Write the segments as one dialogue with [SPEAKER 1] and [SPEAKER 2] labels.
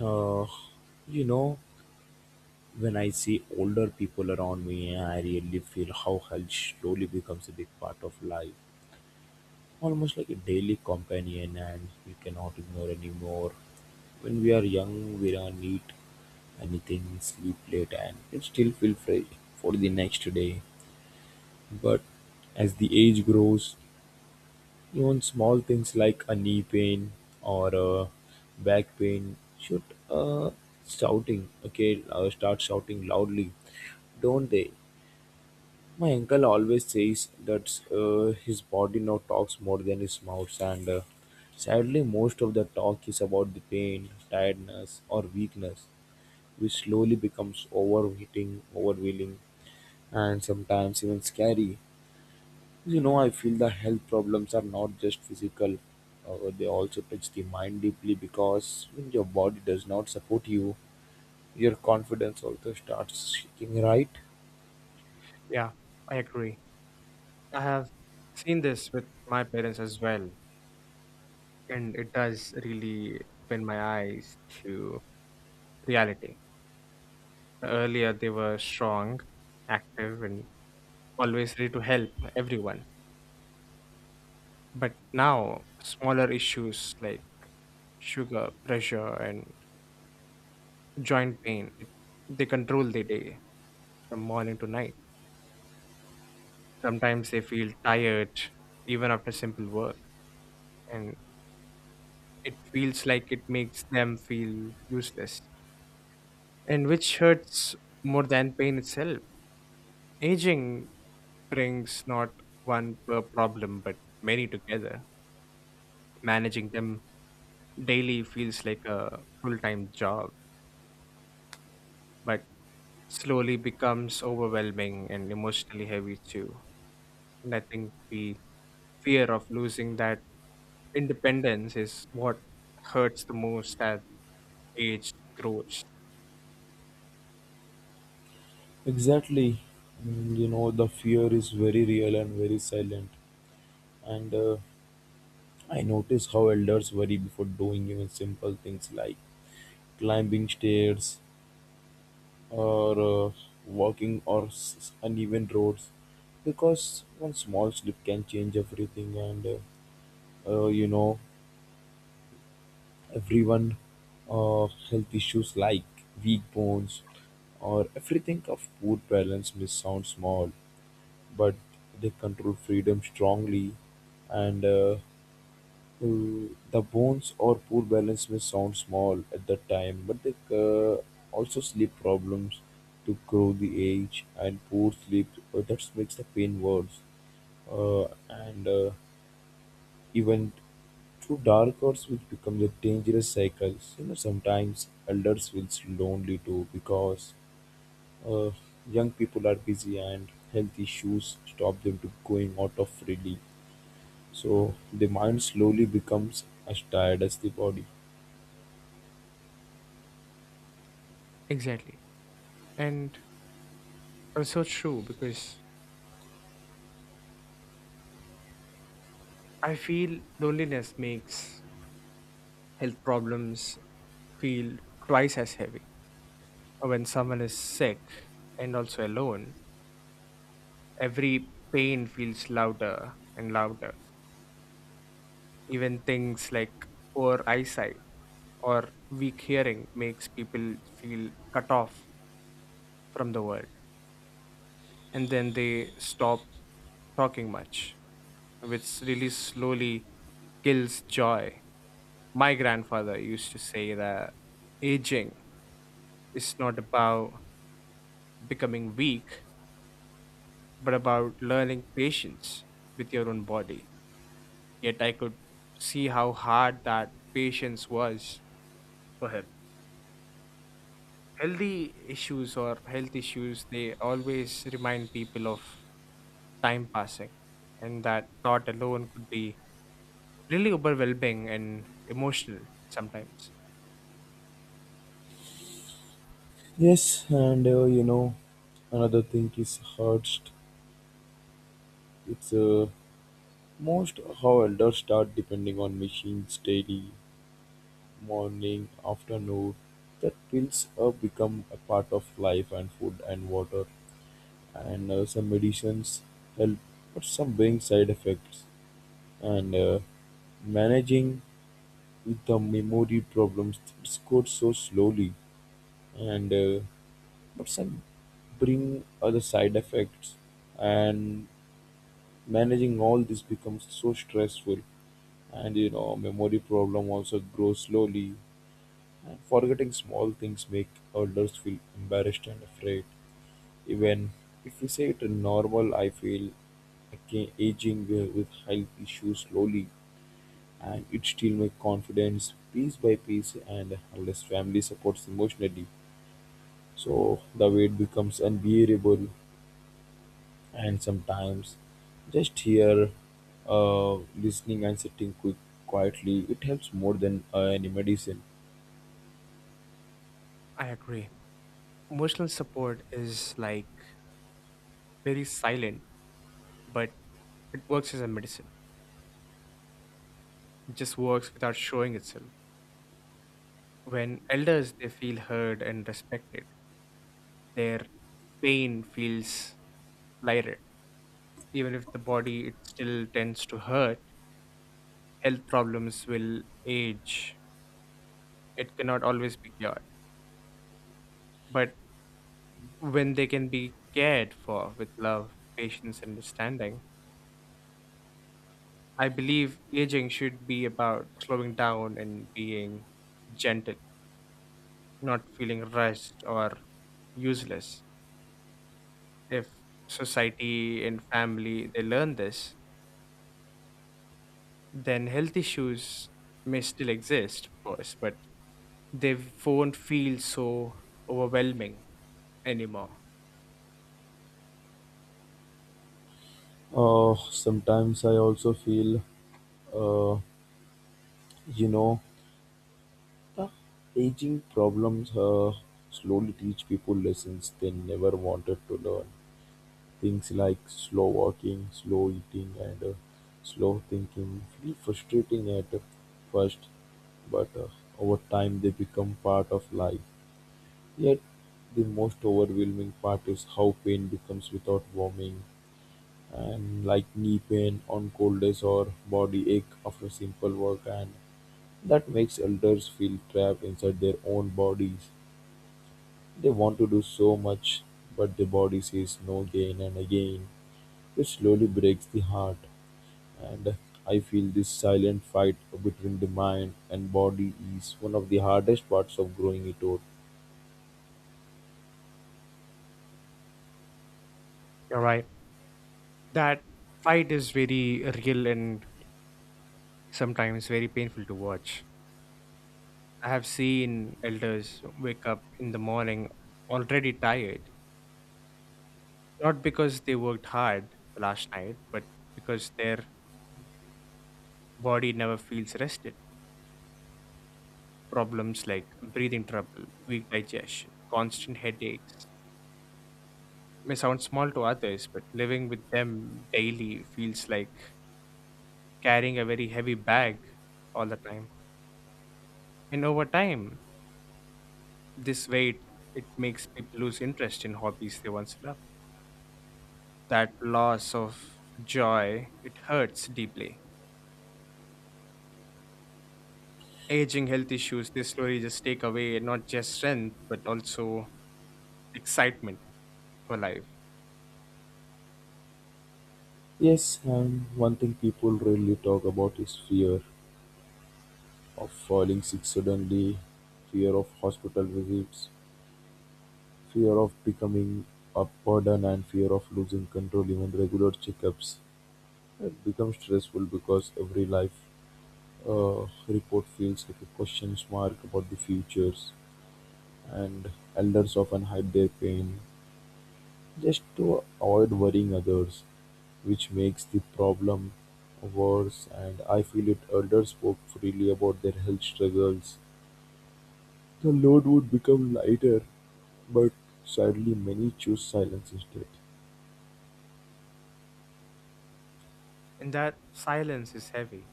[SPEAKER 1] Uh, you know, when I see older people around me, I really feel how health slowly becomes a big part of life, almost like a daily companion, and we cannot ignore anymore. When we are young, we don't eat anything, sleep late, and it still feel fresh for the next day. But as the age grows, even small things like a knee pain or a back pain should uh, shouting okay start shouting loudly, don't they? My uncle always says that his body now talks more than his mouth, and sadly, most of the talk is about the pain, tiredness, or weakness, which slowly becomes overheating, overwhelming, and sometimes even scary. You know, I feel the health problems are not just physical, they also touch the mind deeply because when your body does not support you, your confidence also starts shaking, right?
[SPEAKER 2] Yeah, I agree. I have seen this with my parents as well, and it does really open my eyes to reality. Earlier, they were strong, active, and always ready to help everyone. But now, smaller issues like sugar, pressure, and joint pain, they control the day from morning to night. Sometimes they feel tired even after simple work, and it feels like it makes them feel useless and which hurts more than pain itself. Aging brings not one per problem but many together. Managing them daily feels like a full time job, but slowly becomes overwhelming and emotionally heavy too. And I think the fear of losing that independence is what hurts the most as age grows.
[SPEAKER 1] Exactly. You know, the fear is very real and very silent. And I notice how elders worry before doing even simple things like climbing stairs or uh, walking or uneven roads because one small slip can change everything and you know everyone health issues like weak bones or everything of poor balance may sound small but they control freedom strongly and the bones or poor balance may sound small at the time but they also sleep problems to grow the age and poor sleep that makes the pain worse uh, and even through dark arts which becomes a dangerous cycle. You know, sometimes elders feels lonely too because uh, young people are busy and health issues stop them to going out of freely. So the mind slowly becomes as tired as the body.
[SPEAKER 2] Exactly. And also true because I feel loneliness makes health problems feel twice as heavy. When someone is sick and also alone, every pain feels louder and louder. Even things like poor eyesight or weak hearing makes people feel cut off from the world, and then they stop talking much, which really slowly kills joy. My grandfather used to say that aging is not about becoming weak, but about learning patience with your own body. Yet I could see how hard that patience was for him. Healthy issues or health issues, they always remind people of time passing, and that thought alone could be really overwhelming and emotional sometimes.
[SPEAKER 1] Yes, and you know, another thing is hearts. It's most how elders start depending on machines daily morning, afternoon, that pills become a part of life and food and water and some medicines help but some bring side effects and managing with the memory problems it's good so slowly and but some bring other side effects and managing all this becomes so stressful and you know memory problem also grows slowly. And forgetting small things make elders feel embarrassed and afraid. Even if we say it in normal, I feel okay, aging with health issues slowly, and it still make confidence piece by piece, and unless family supports emotionally, so the weight becomes unbearable. And sometimes, just here, uh, listening and sitting quietly, it helps more than any medicine.
[SPEAKER 2] I agree. Emotional support is like very silent, but it works as a medicine. It just works without showing itself. When elders they feel heard and respected, their pain feels lighter. Even if the body it still tends to hurt, health problems will age. It cannot always be cured. But when they can be cared for with love, patience, and understanding, I believe aging should be about slowing down and being gentle, not feeling rushed or useless. If society and family they learn this, then health issues may still exist, of course, but they won't feel so overwhelming anymore.
[SPEAKER 1] Sometimes I also feel. Uh, You know, the aging problems slowly teach people lessons they never wanted to learn. Things like slow walking, slow eating, and slow thinking feel frustrating at first, but over time they become part of life. Yet, the most overwhelming part is how pain becomes without warming, and like knee pain on cold days or body ache after simple work and that makes elders feel trapped inside their own bodies. They want to do so much, but the body says no again and again, which slowly breaks the heart. And I feel this silent fight between the mind and body is one of the hardest parts of growing it out.
[SPEAKER 2] You're right. That fight is very real and sometimes very painful to watch. I have seen elders wake up in the morning already tired, not because they worked hard the last night, but because their body never feels rested. Problems like breathing trouble, weak digestion, constant headaches may sound small to others, but living with them daily feels like carrying a very heavy bag all the time. And over time, this weight, it makes people lose interest in hobbies they once loved. That loss of joy, it hurts deeply. Aging health issues, they slowly just take away not just strength, but also excitement for life.
[SPEAKER 1] Yes, and one thing people rarely talk about is fear of falling sick suddenly, fear of hospital visits, fear of becoming a burden, and fear of losing control even regular checkups. It becomes stressful because every life report feels like a question mark about the futures, and elders often hide their pain just to avoid worrying others, which makes the problem worse. And I feel if elders spoke freely about their health struggles, the load would become lighter, but sadly, many choose silence instead.
[SPEAKER 2] And that silence is heavy.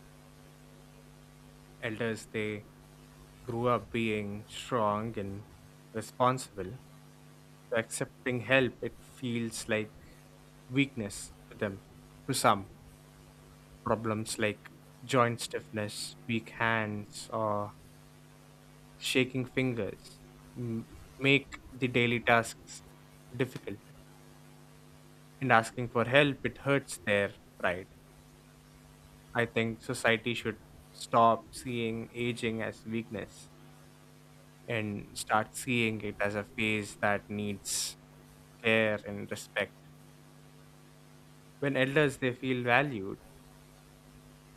[SPEAKER 2] Elders, they grew up being strong and responsible. So accepting help, it feels like weakness to them. To some, problems like joint stiffness, weak hands, or shaking fingers m- make the daily tasks difficult, and asking for help it hurts their pride. I think society should stop seeing aging as weakness and start seeing it as a phase that needs care and respect. When elders they feel valued,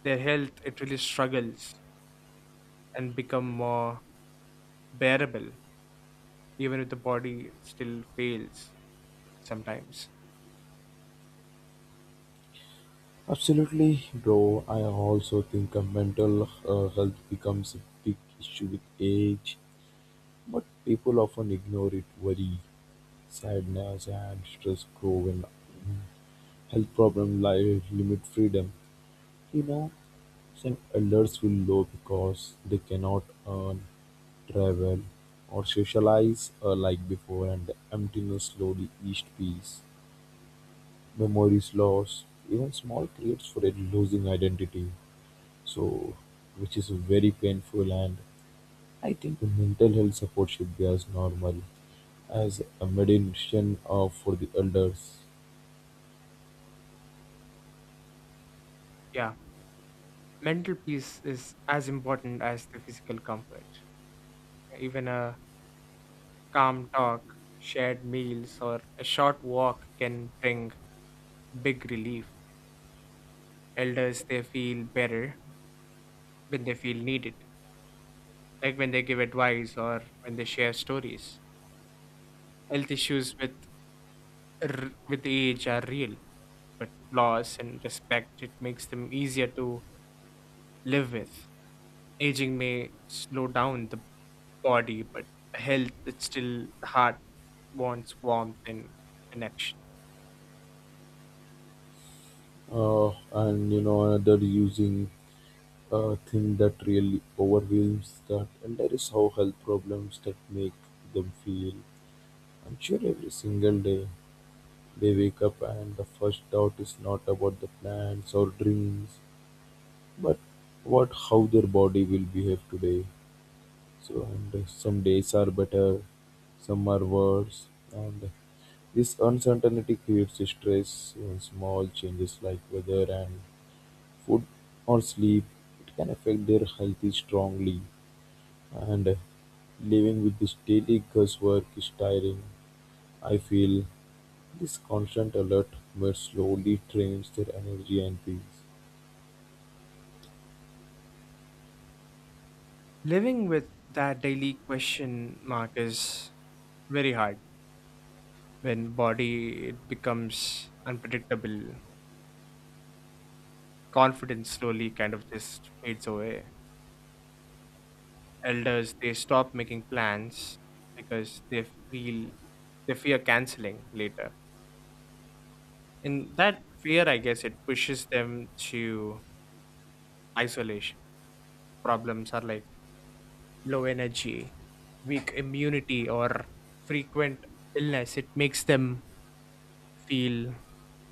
[SPEAKER 2] their health it really struggles and become more bearable, even if the body still fails sometimes.
[SPEAKER 1] Absolutely, bro. I also think mental health becomes a big issue with age, but people often ignore it. Worry, sadness, and stress grow when health problems like limit freedom. You know, some elders feel low because they cannot earn, travel, or socialize like before, and the emptiness slowly east peace. Memories lost, even small creates for a losing identity. So which is very painful and I think the mental health support should be as normal as a medicine for the elders.
[SPEAKER 2] Yeah, mental peace is as important as the physical comfort. Even a calm talk, shared meals, or a short walk can bring big relief. Elders, they feel better when they feel needed, like when they give advice or when they share stories. Health issues with with age are real, but loss and respect it makes them easier to live with. Aging may slow down the body, but health, it's still the heart wants warmth and connection.
[SPEAKER 1] uh, and you know another using thing that really overwhelms that elder is how health problems that make them feel I'm sure every single day they wake up and the first doubt is not about the plans or dreams but about how their body will behave today. So and some days are better, some are worse, and this uncertainty creates stress. Even small changes like weather and food or sleep, it can affect their health strongly. And living with this daily guesswork is tiring. I feel this constant alert but slowly drains their energy and peace.
[SPEAKER 2] Living with that daily question mark is very hard when body it becomes unpredictable. Confidence slowly kind of just fades away. Elders they stop making plans because they feel they fear canceling later. And that fear I guess it pushes them to isolation. Problems are like low energy, weak immunity, or frequent illness, it makes them feel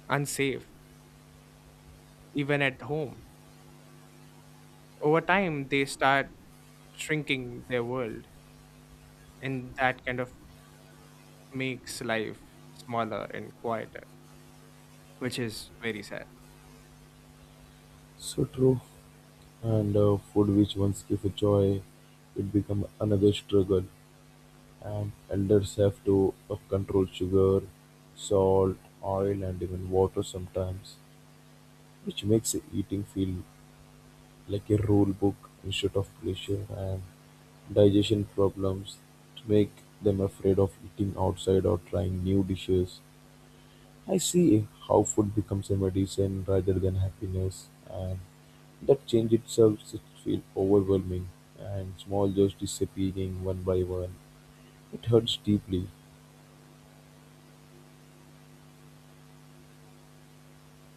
[SPEAKER 2] unsafe, even at home. Over time, they start shrinking their world, and that kind of makes life smaller and quieter, which is very sad.
[SPEAKER 1] So true. And food which once gave a joy, it become another struggle. And elders have to control sugar, salt, oil and even water sometimes, which makes eating feel like a rule book instead of pleasure and digestion problems to make them afraid of eating outside or trying new dishes. I see how food becomes a medicine rather than happiness and that change itself should feel overwhelming and small joys disappearing one by one. It hurts deeply.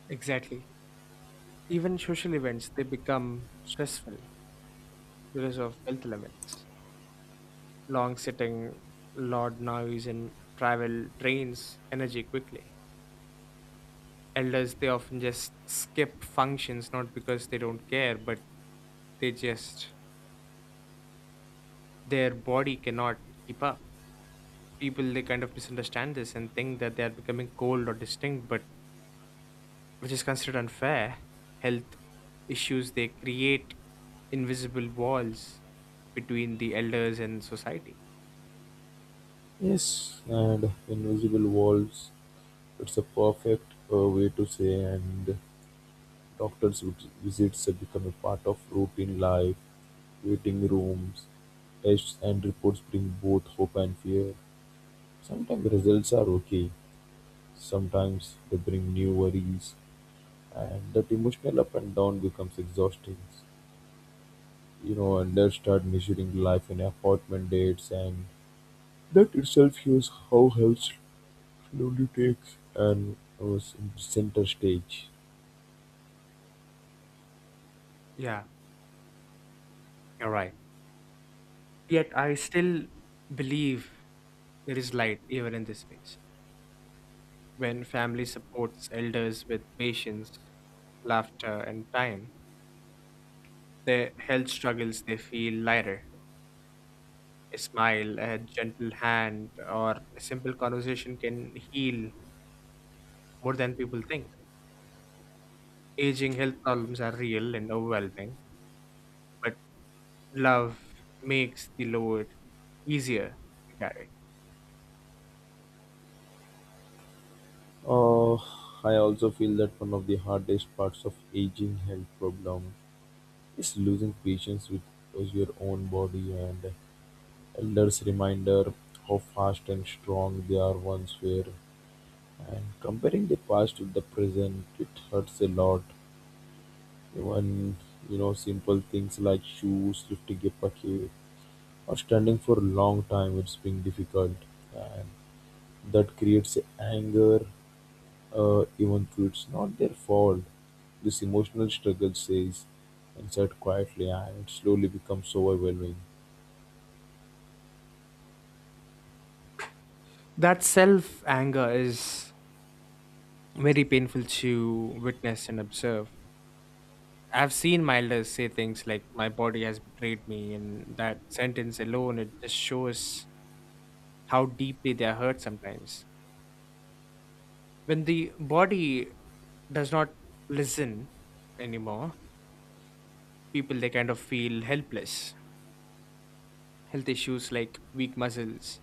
[SPEAKER 2] Exactly. Even social events, they become stressful because of health limits. Long sitting, loud noise, and travel drains energy quickly. Elders they often just skip functions not because they don't care, but they just their body cannot keep up. People they kind of misunderstand this and think that they are becoming cold or distinct, but which is considered unfair. Health issues they create invisible walls between the elders and society.
[SPEAKER 1] Yes, and invisible walls. It's a perfect way to say, and doctor's visits have become a part of routine life. Waiting rooms, tests, and reports bring both hope and fear. Sometimes results are okay, sometimes they bring new worries, and that emotional up and down becomes exhausting. You know, and they start measuring life in appointment dates, and that itself shows how health lunatics and was in center stage.
[SPEAKER 2] Yeah, you're right. Yet I still believe there is light even in this space. When family supports elders with patience, laughter, and time, their health struggles, they feel lighter. A smile, a gentle hand, or a simple conversation can heal more than people think. Aging health problems are real and overwhelming, but love makes the load easier to carry.
[SPEAKER 1] Uh, I also feel that one of the hardest parts of aging health problem is losing patience with your own body and elders' reminder how fast and strong they are once were. And comparing the past with the present, it hurts a lot. Even you know simple things like shoes, lifting a bucket, or standing for a long time, it's being difficult. And that creates anger even though it's not their fault. This emotional struggle says inside quietly and it slowly becomes overwhelming.
[SPEAKER 2] That self anger is very painful to witness and observe. I've seen Milders say things like, my body has betrayed me, and that sentence alone, it just shows how deeply they are hurt sometimes. When the body does not listen anymore, people they kind of feel helpless. Health issues like weak muscles,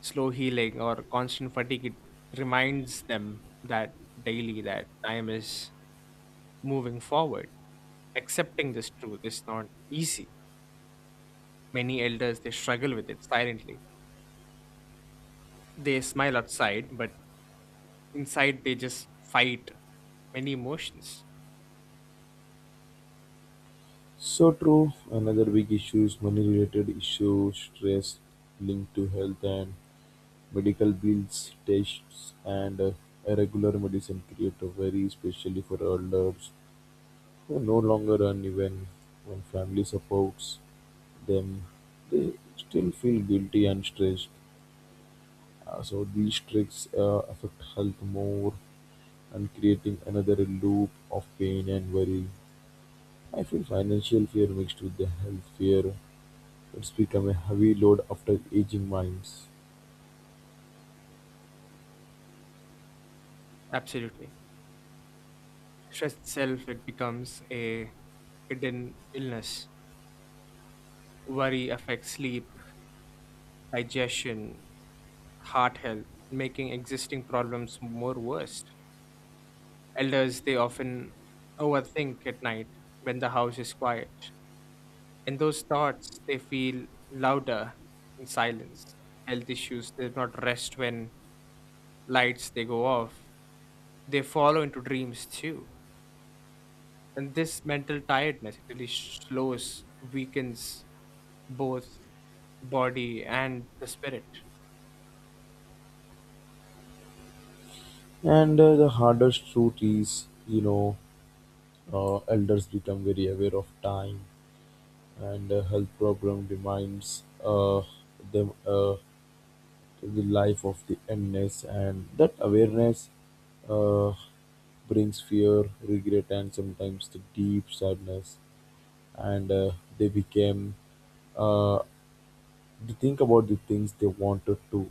[SPEAKER 2] slow healing, or constant fatigue it reminds them that daily that time is moving forward. Accepting this truth is not easy. Many elders they struggle with it silently. They smile outside, but inside they just fight many emotions.
[SPEAKER 1] So true, another big issue is money related issues, stress linked to health and medical bills, tests and irregular medicine create a very especially for elders who no longer earn even when family supports them. They still feel guilty and stressed. So these tricks affect health more and creating another loop of pain and worry. I feel financial fear mixed with the health fear. It's become a heavy load after aging minds.
[SPEAKER 2] Absolutely. Stress itself it becomes a hidden illness. Worry affects sleep, digestion, heart health, making existing problems more worse. Elders, they often overthink at night when the house is quiet. And those thoughts, they feel louder in silence. Health issues, they do not rest when lights, they go off. They follow into dreams too. And this mental tiredness, it really slows, weakens both body and the spirit.
[SPEAKER 1] And the hardest truth is, you know, elders become very aware of time and health problem demands them to the life of the illness and that awareness uh, brings fear regret and sometimes the deep sadness and they became uh, they think about the things they wanted to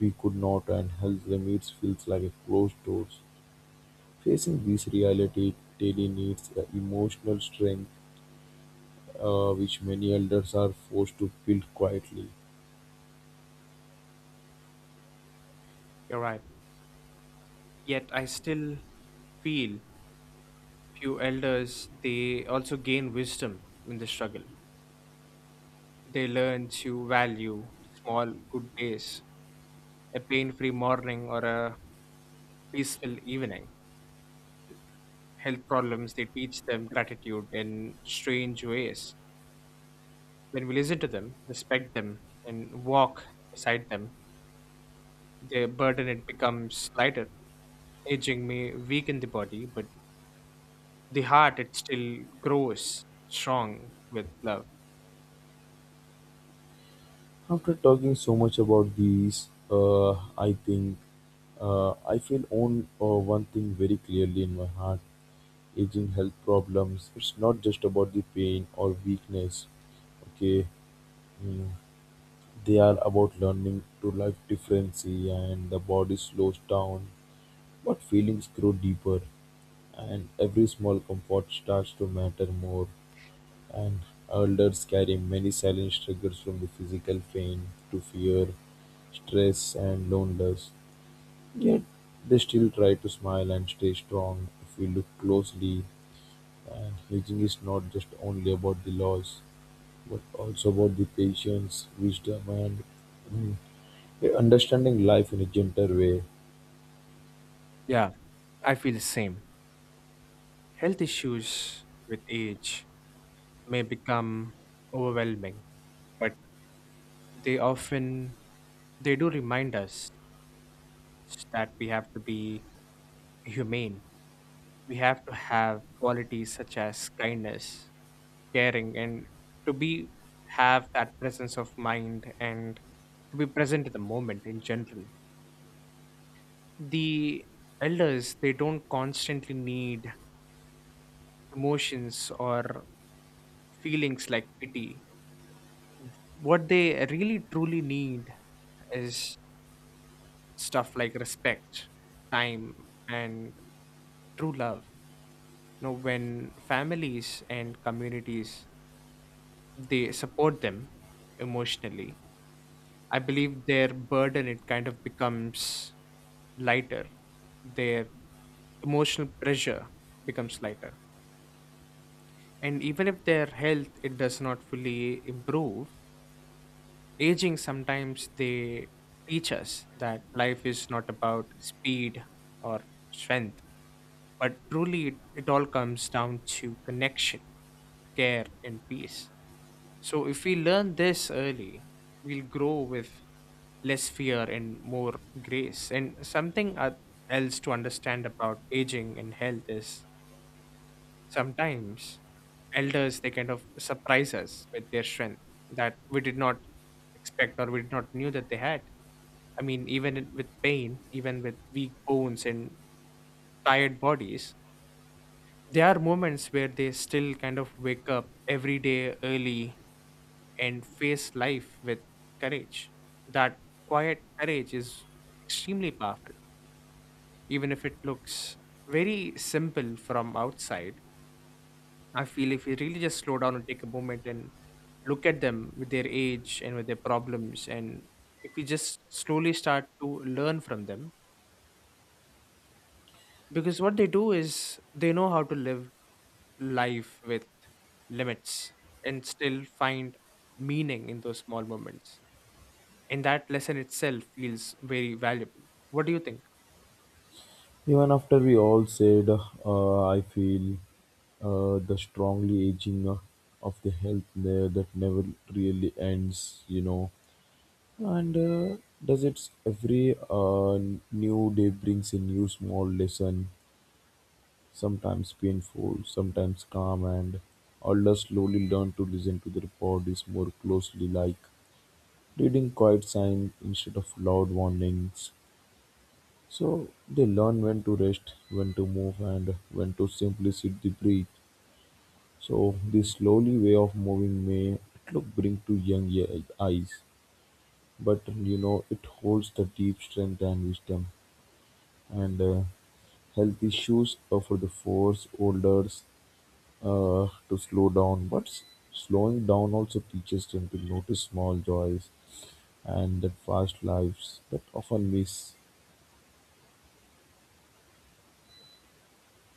[SPEAKER 1] we could not and health limits feels like a closed doors facing this reality daily needs emotional strength which many elders are forced to build quietly.
[SPEAKER 2] You're right. Yet I still feel few elders, they also gain wisdom in the struggle. They learn to value small good days, a pain free morning, or a peaceful evening. Health problems, they teach them gratitude in strange ways. When we listen to them, respect them, and walk beside them, their burden it becomes lighter. Aging may weaken the body, but the heart it still grows strong with love.
[SPEAKER 1] After talking so much about these, I think I feel on one thing very clearly in my heart: aging health problems. It's not just about the pain or weakness. Okay, mm, they are about learning to life differently, and the body slows down, but feelings grow deeper, and every small comfort starts to matter more. And elders carry many silent struggles from the physical pain to fear, stress, and loneliness. Yet they still try to smile and stay strong if we look closely. And healing is not just only about the loss, but also about the patience, wisdom, and mm, understanding life in a gentler way.
[SPEAKER 2] Yeah, I feel the same. Health issues with age may become overwhelming, but they often they do remind us that we have to be humane. We have to have qualities such as kindness, caring, and to be have that presence of mind and to be present in the moment in general. The elders they don't constantly need emotions or feelings like pity. What they really truly need is stuff like respect, time, and true love. You know, when families and communities they support them emotionally, I believe their burden it kind of becomes lighter. Their emotional pressure becomes lighter. And even if their health it does not fully improve, aging sometimes they teach us that life is not about speed or strength, but truly it all comes down to connection, care, and peace. So if we learn this early, we'll grow with less fear and more grace. And something else to understand about aging and health is sometimes elders they kind of surprise us with their strength that we did not expect or we did not knew that they had. I mean even with pain, even with weak bones and tired bodies, there are moments where they still kind of wake up every day early and face life with courage. That quiet courage is extremely powerful, even if it looks very simple from outside. I feel if we really just slow down and take a moment and look at them with their age and with their problems, and if we just slowly start to learn from them, because what they do is they know how to live life with limits and still find meaning in those small moments. And that lesson itself feels very valuable. What do you think?
[SPEAKER 1] Even after we all said, I feel the strongly aging of the health there that never really ends, you know. And does it's every new day brings a new small lesson, sometimes painful, sometimes calm, and all us slowly learn to listen to their bodies more closely, like reading quiet signs instead of loud warnings. So they learn when to rest, when to move, and when to simply sit the breathe. So this slowly way of moving may look bring to young eyes, but you know it holds the deep strength and wisdom, and health issues are for the force holders to slow down. Slowing down also teaches them to notice small joys and that fast lives that often miss.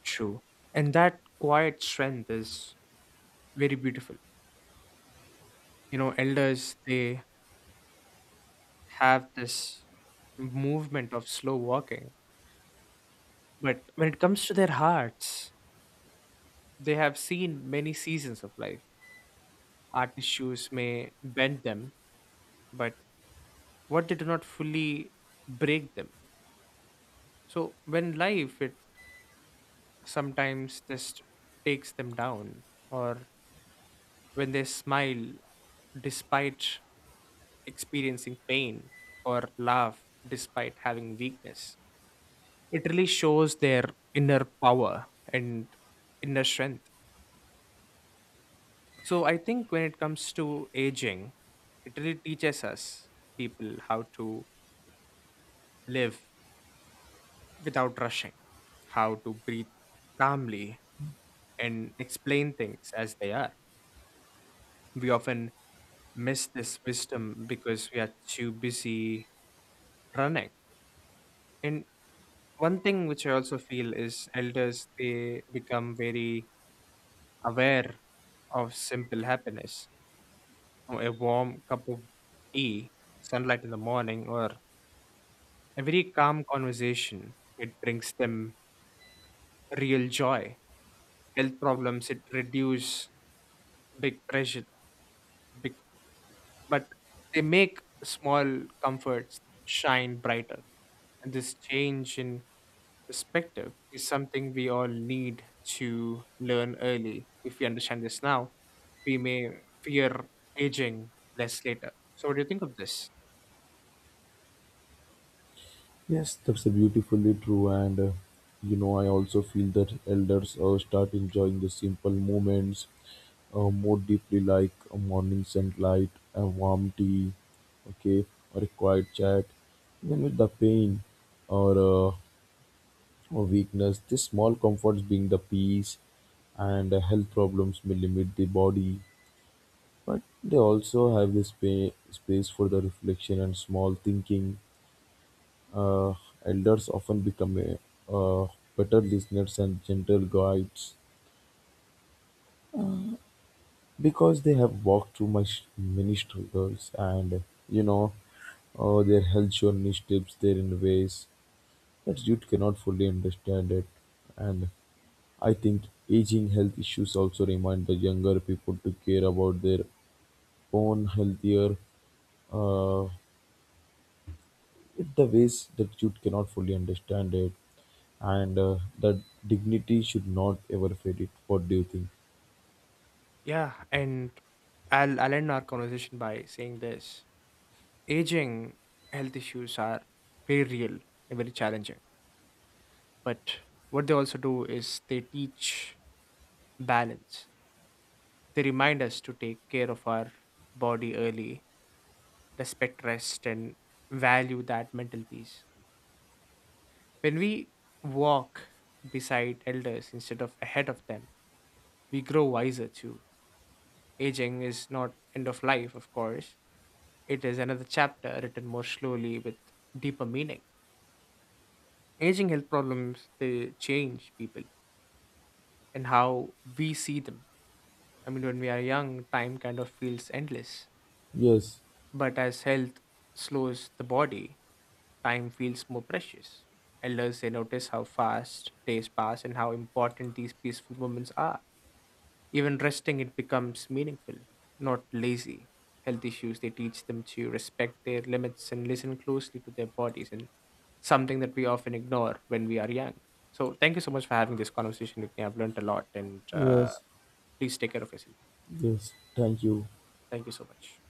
[SPEAKER 2] True. And that quiet strength is very beautiful. You know, elders, they have this movement of slow walking. But when it comes to their hearts, they have seen many seasons of life. Our tissues may bend them, but what they do not fully break them. So when life it sometimes just takes them down, or when they smile despite experiencing pain or laugh despite having weakness, it really shows their inner power and inner strength. So I think when it comes to aging, it really teaches us people how to live without rushing, how to breathe calmly, and explain things as they are. We often miss this wisdom because we are too busy running. And one thing which I also feel is elders, they become very aware of simple happiness. Oh, a warm cup of tea, sunlight in the morning, or a very calm conversation, it brings them real joy. Health problems, it reduce big pressure, big, but they make small comforts shine brighter. And this change in perspective is something we all need to learn early. If we understand this now, we may fear aging less later. So, what do you think of this?
[SPEAKER 1] Yes, that's beautifully true, and you know, I also feel that elders start enjoying the simple moments more deeply, like a morning sunlight, a warm tea, okay, or a quiet chat, even with the pain or, uh, or weakness. These small comforts bring the peace, and health problems may limit the body, but they also have this space for the reflection and small thinking. uh, Elders often become uh, uh, better listeners and gentle guides because they have walked through my many struggles and you know their health journey steps there in ways that youth cannot fully understand it. And I think aging health issues also remind the younger people to care about their own healthier uh, it the ways that you cannot fully understand it and that dignity should not ever fade it. What do you think?
[SPEAKER 2] Yeah, and I'll end our conversation by saying this aging health issues are very real and very challenging. But what they also do is they teach balance, they remind us to take care of our body early, respect rest, and value that mental peace. When we walk beside elders instead of ahead of them, we grow wiser too. Aging is not end of life, of course. It is another chapter written more slowly with deeper meaning. Aging health problems they change people and how we see them. I mean when we are young, time kind of feels endless.
[SPEAKER 1] Yes.
[SPEAKER 2] But as health slows the body, time feels more precious. Elders they notice how fast days pass and how important these peaceful moments are. Even resting it becomes meaningful, not lazy. Health issues they teach them to respect their limits and listen closely to their bodies and something that we often ignore when we are young. So thank you so much for having this conversation with me. I've learned a lot, and
[SPEAKER 1] Yes.
[SPEAKER 2] please take care of yourself.
[SPEAKER 1] Yes, thank you.
[SPEAKER 2] Thank you so much.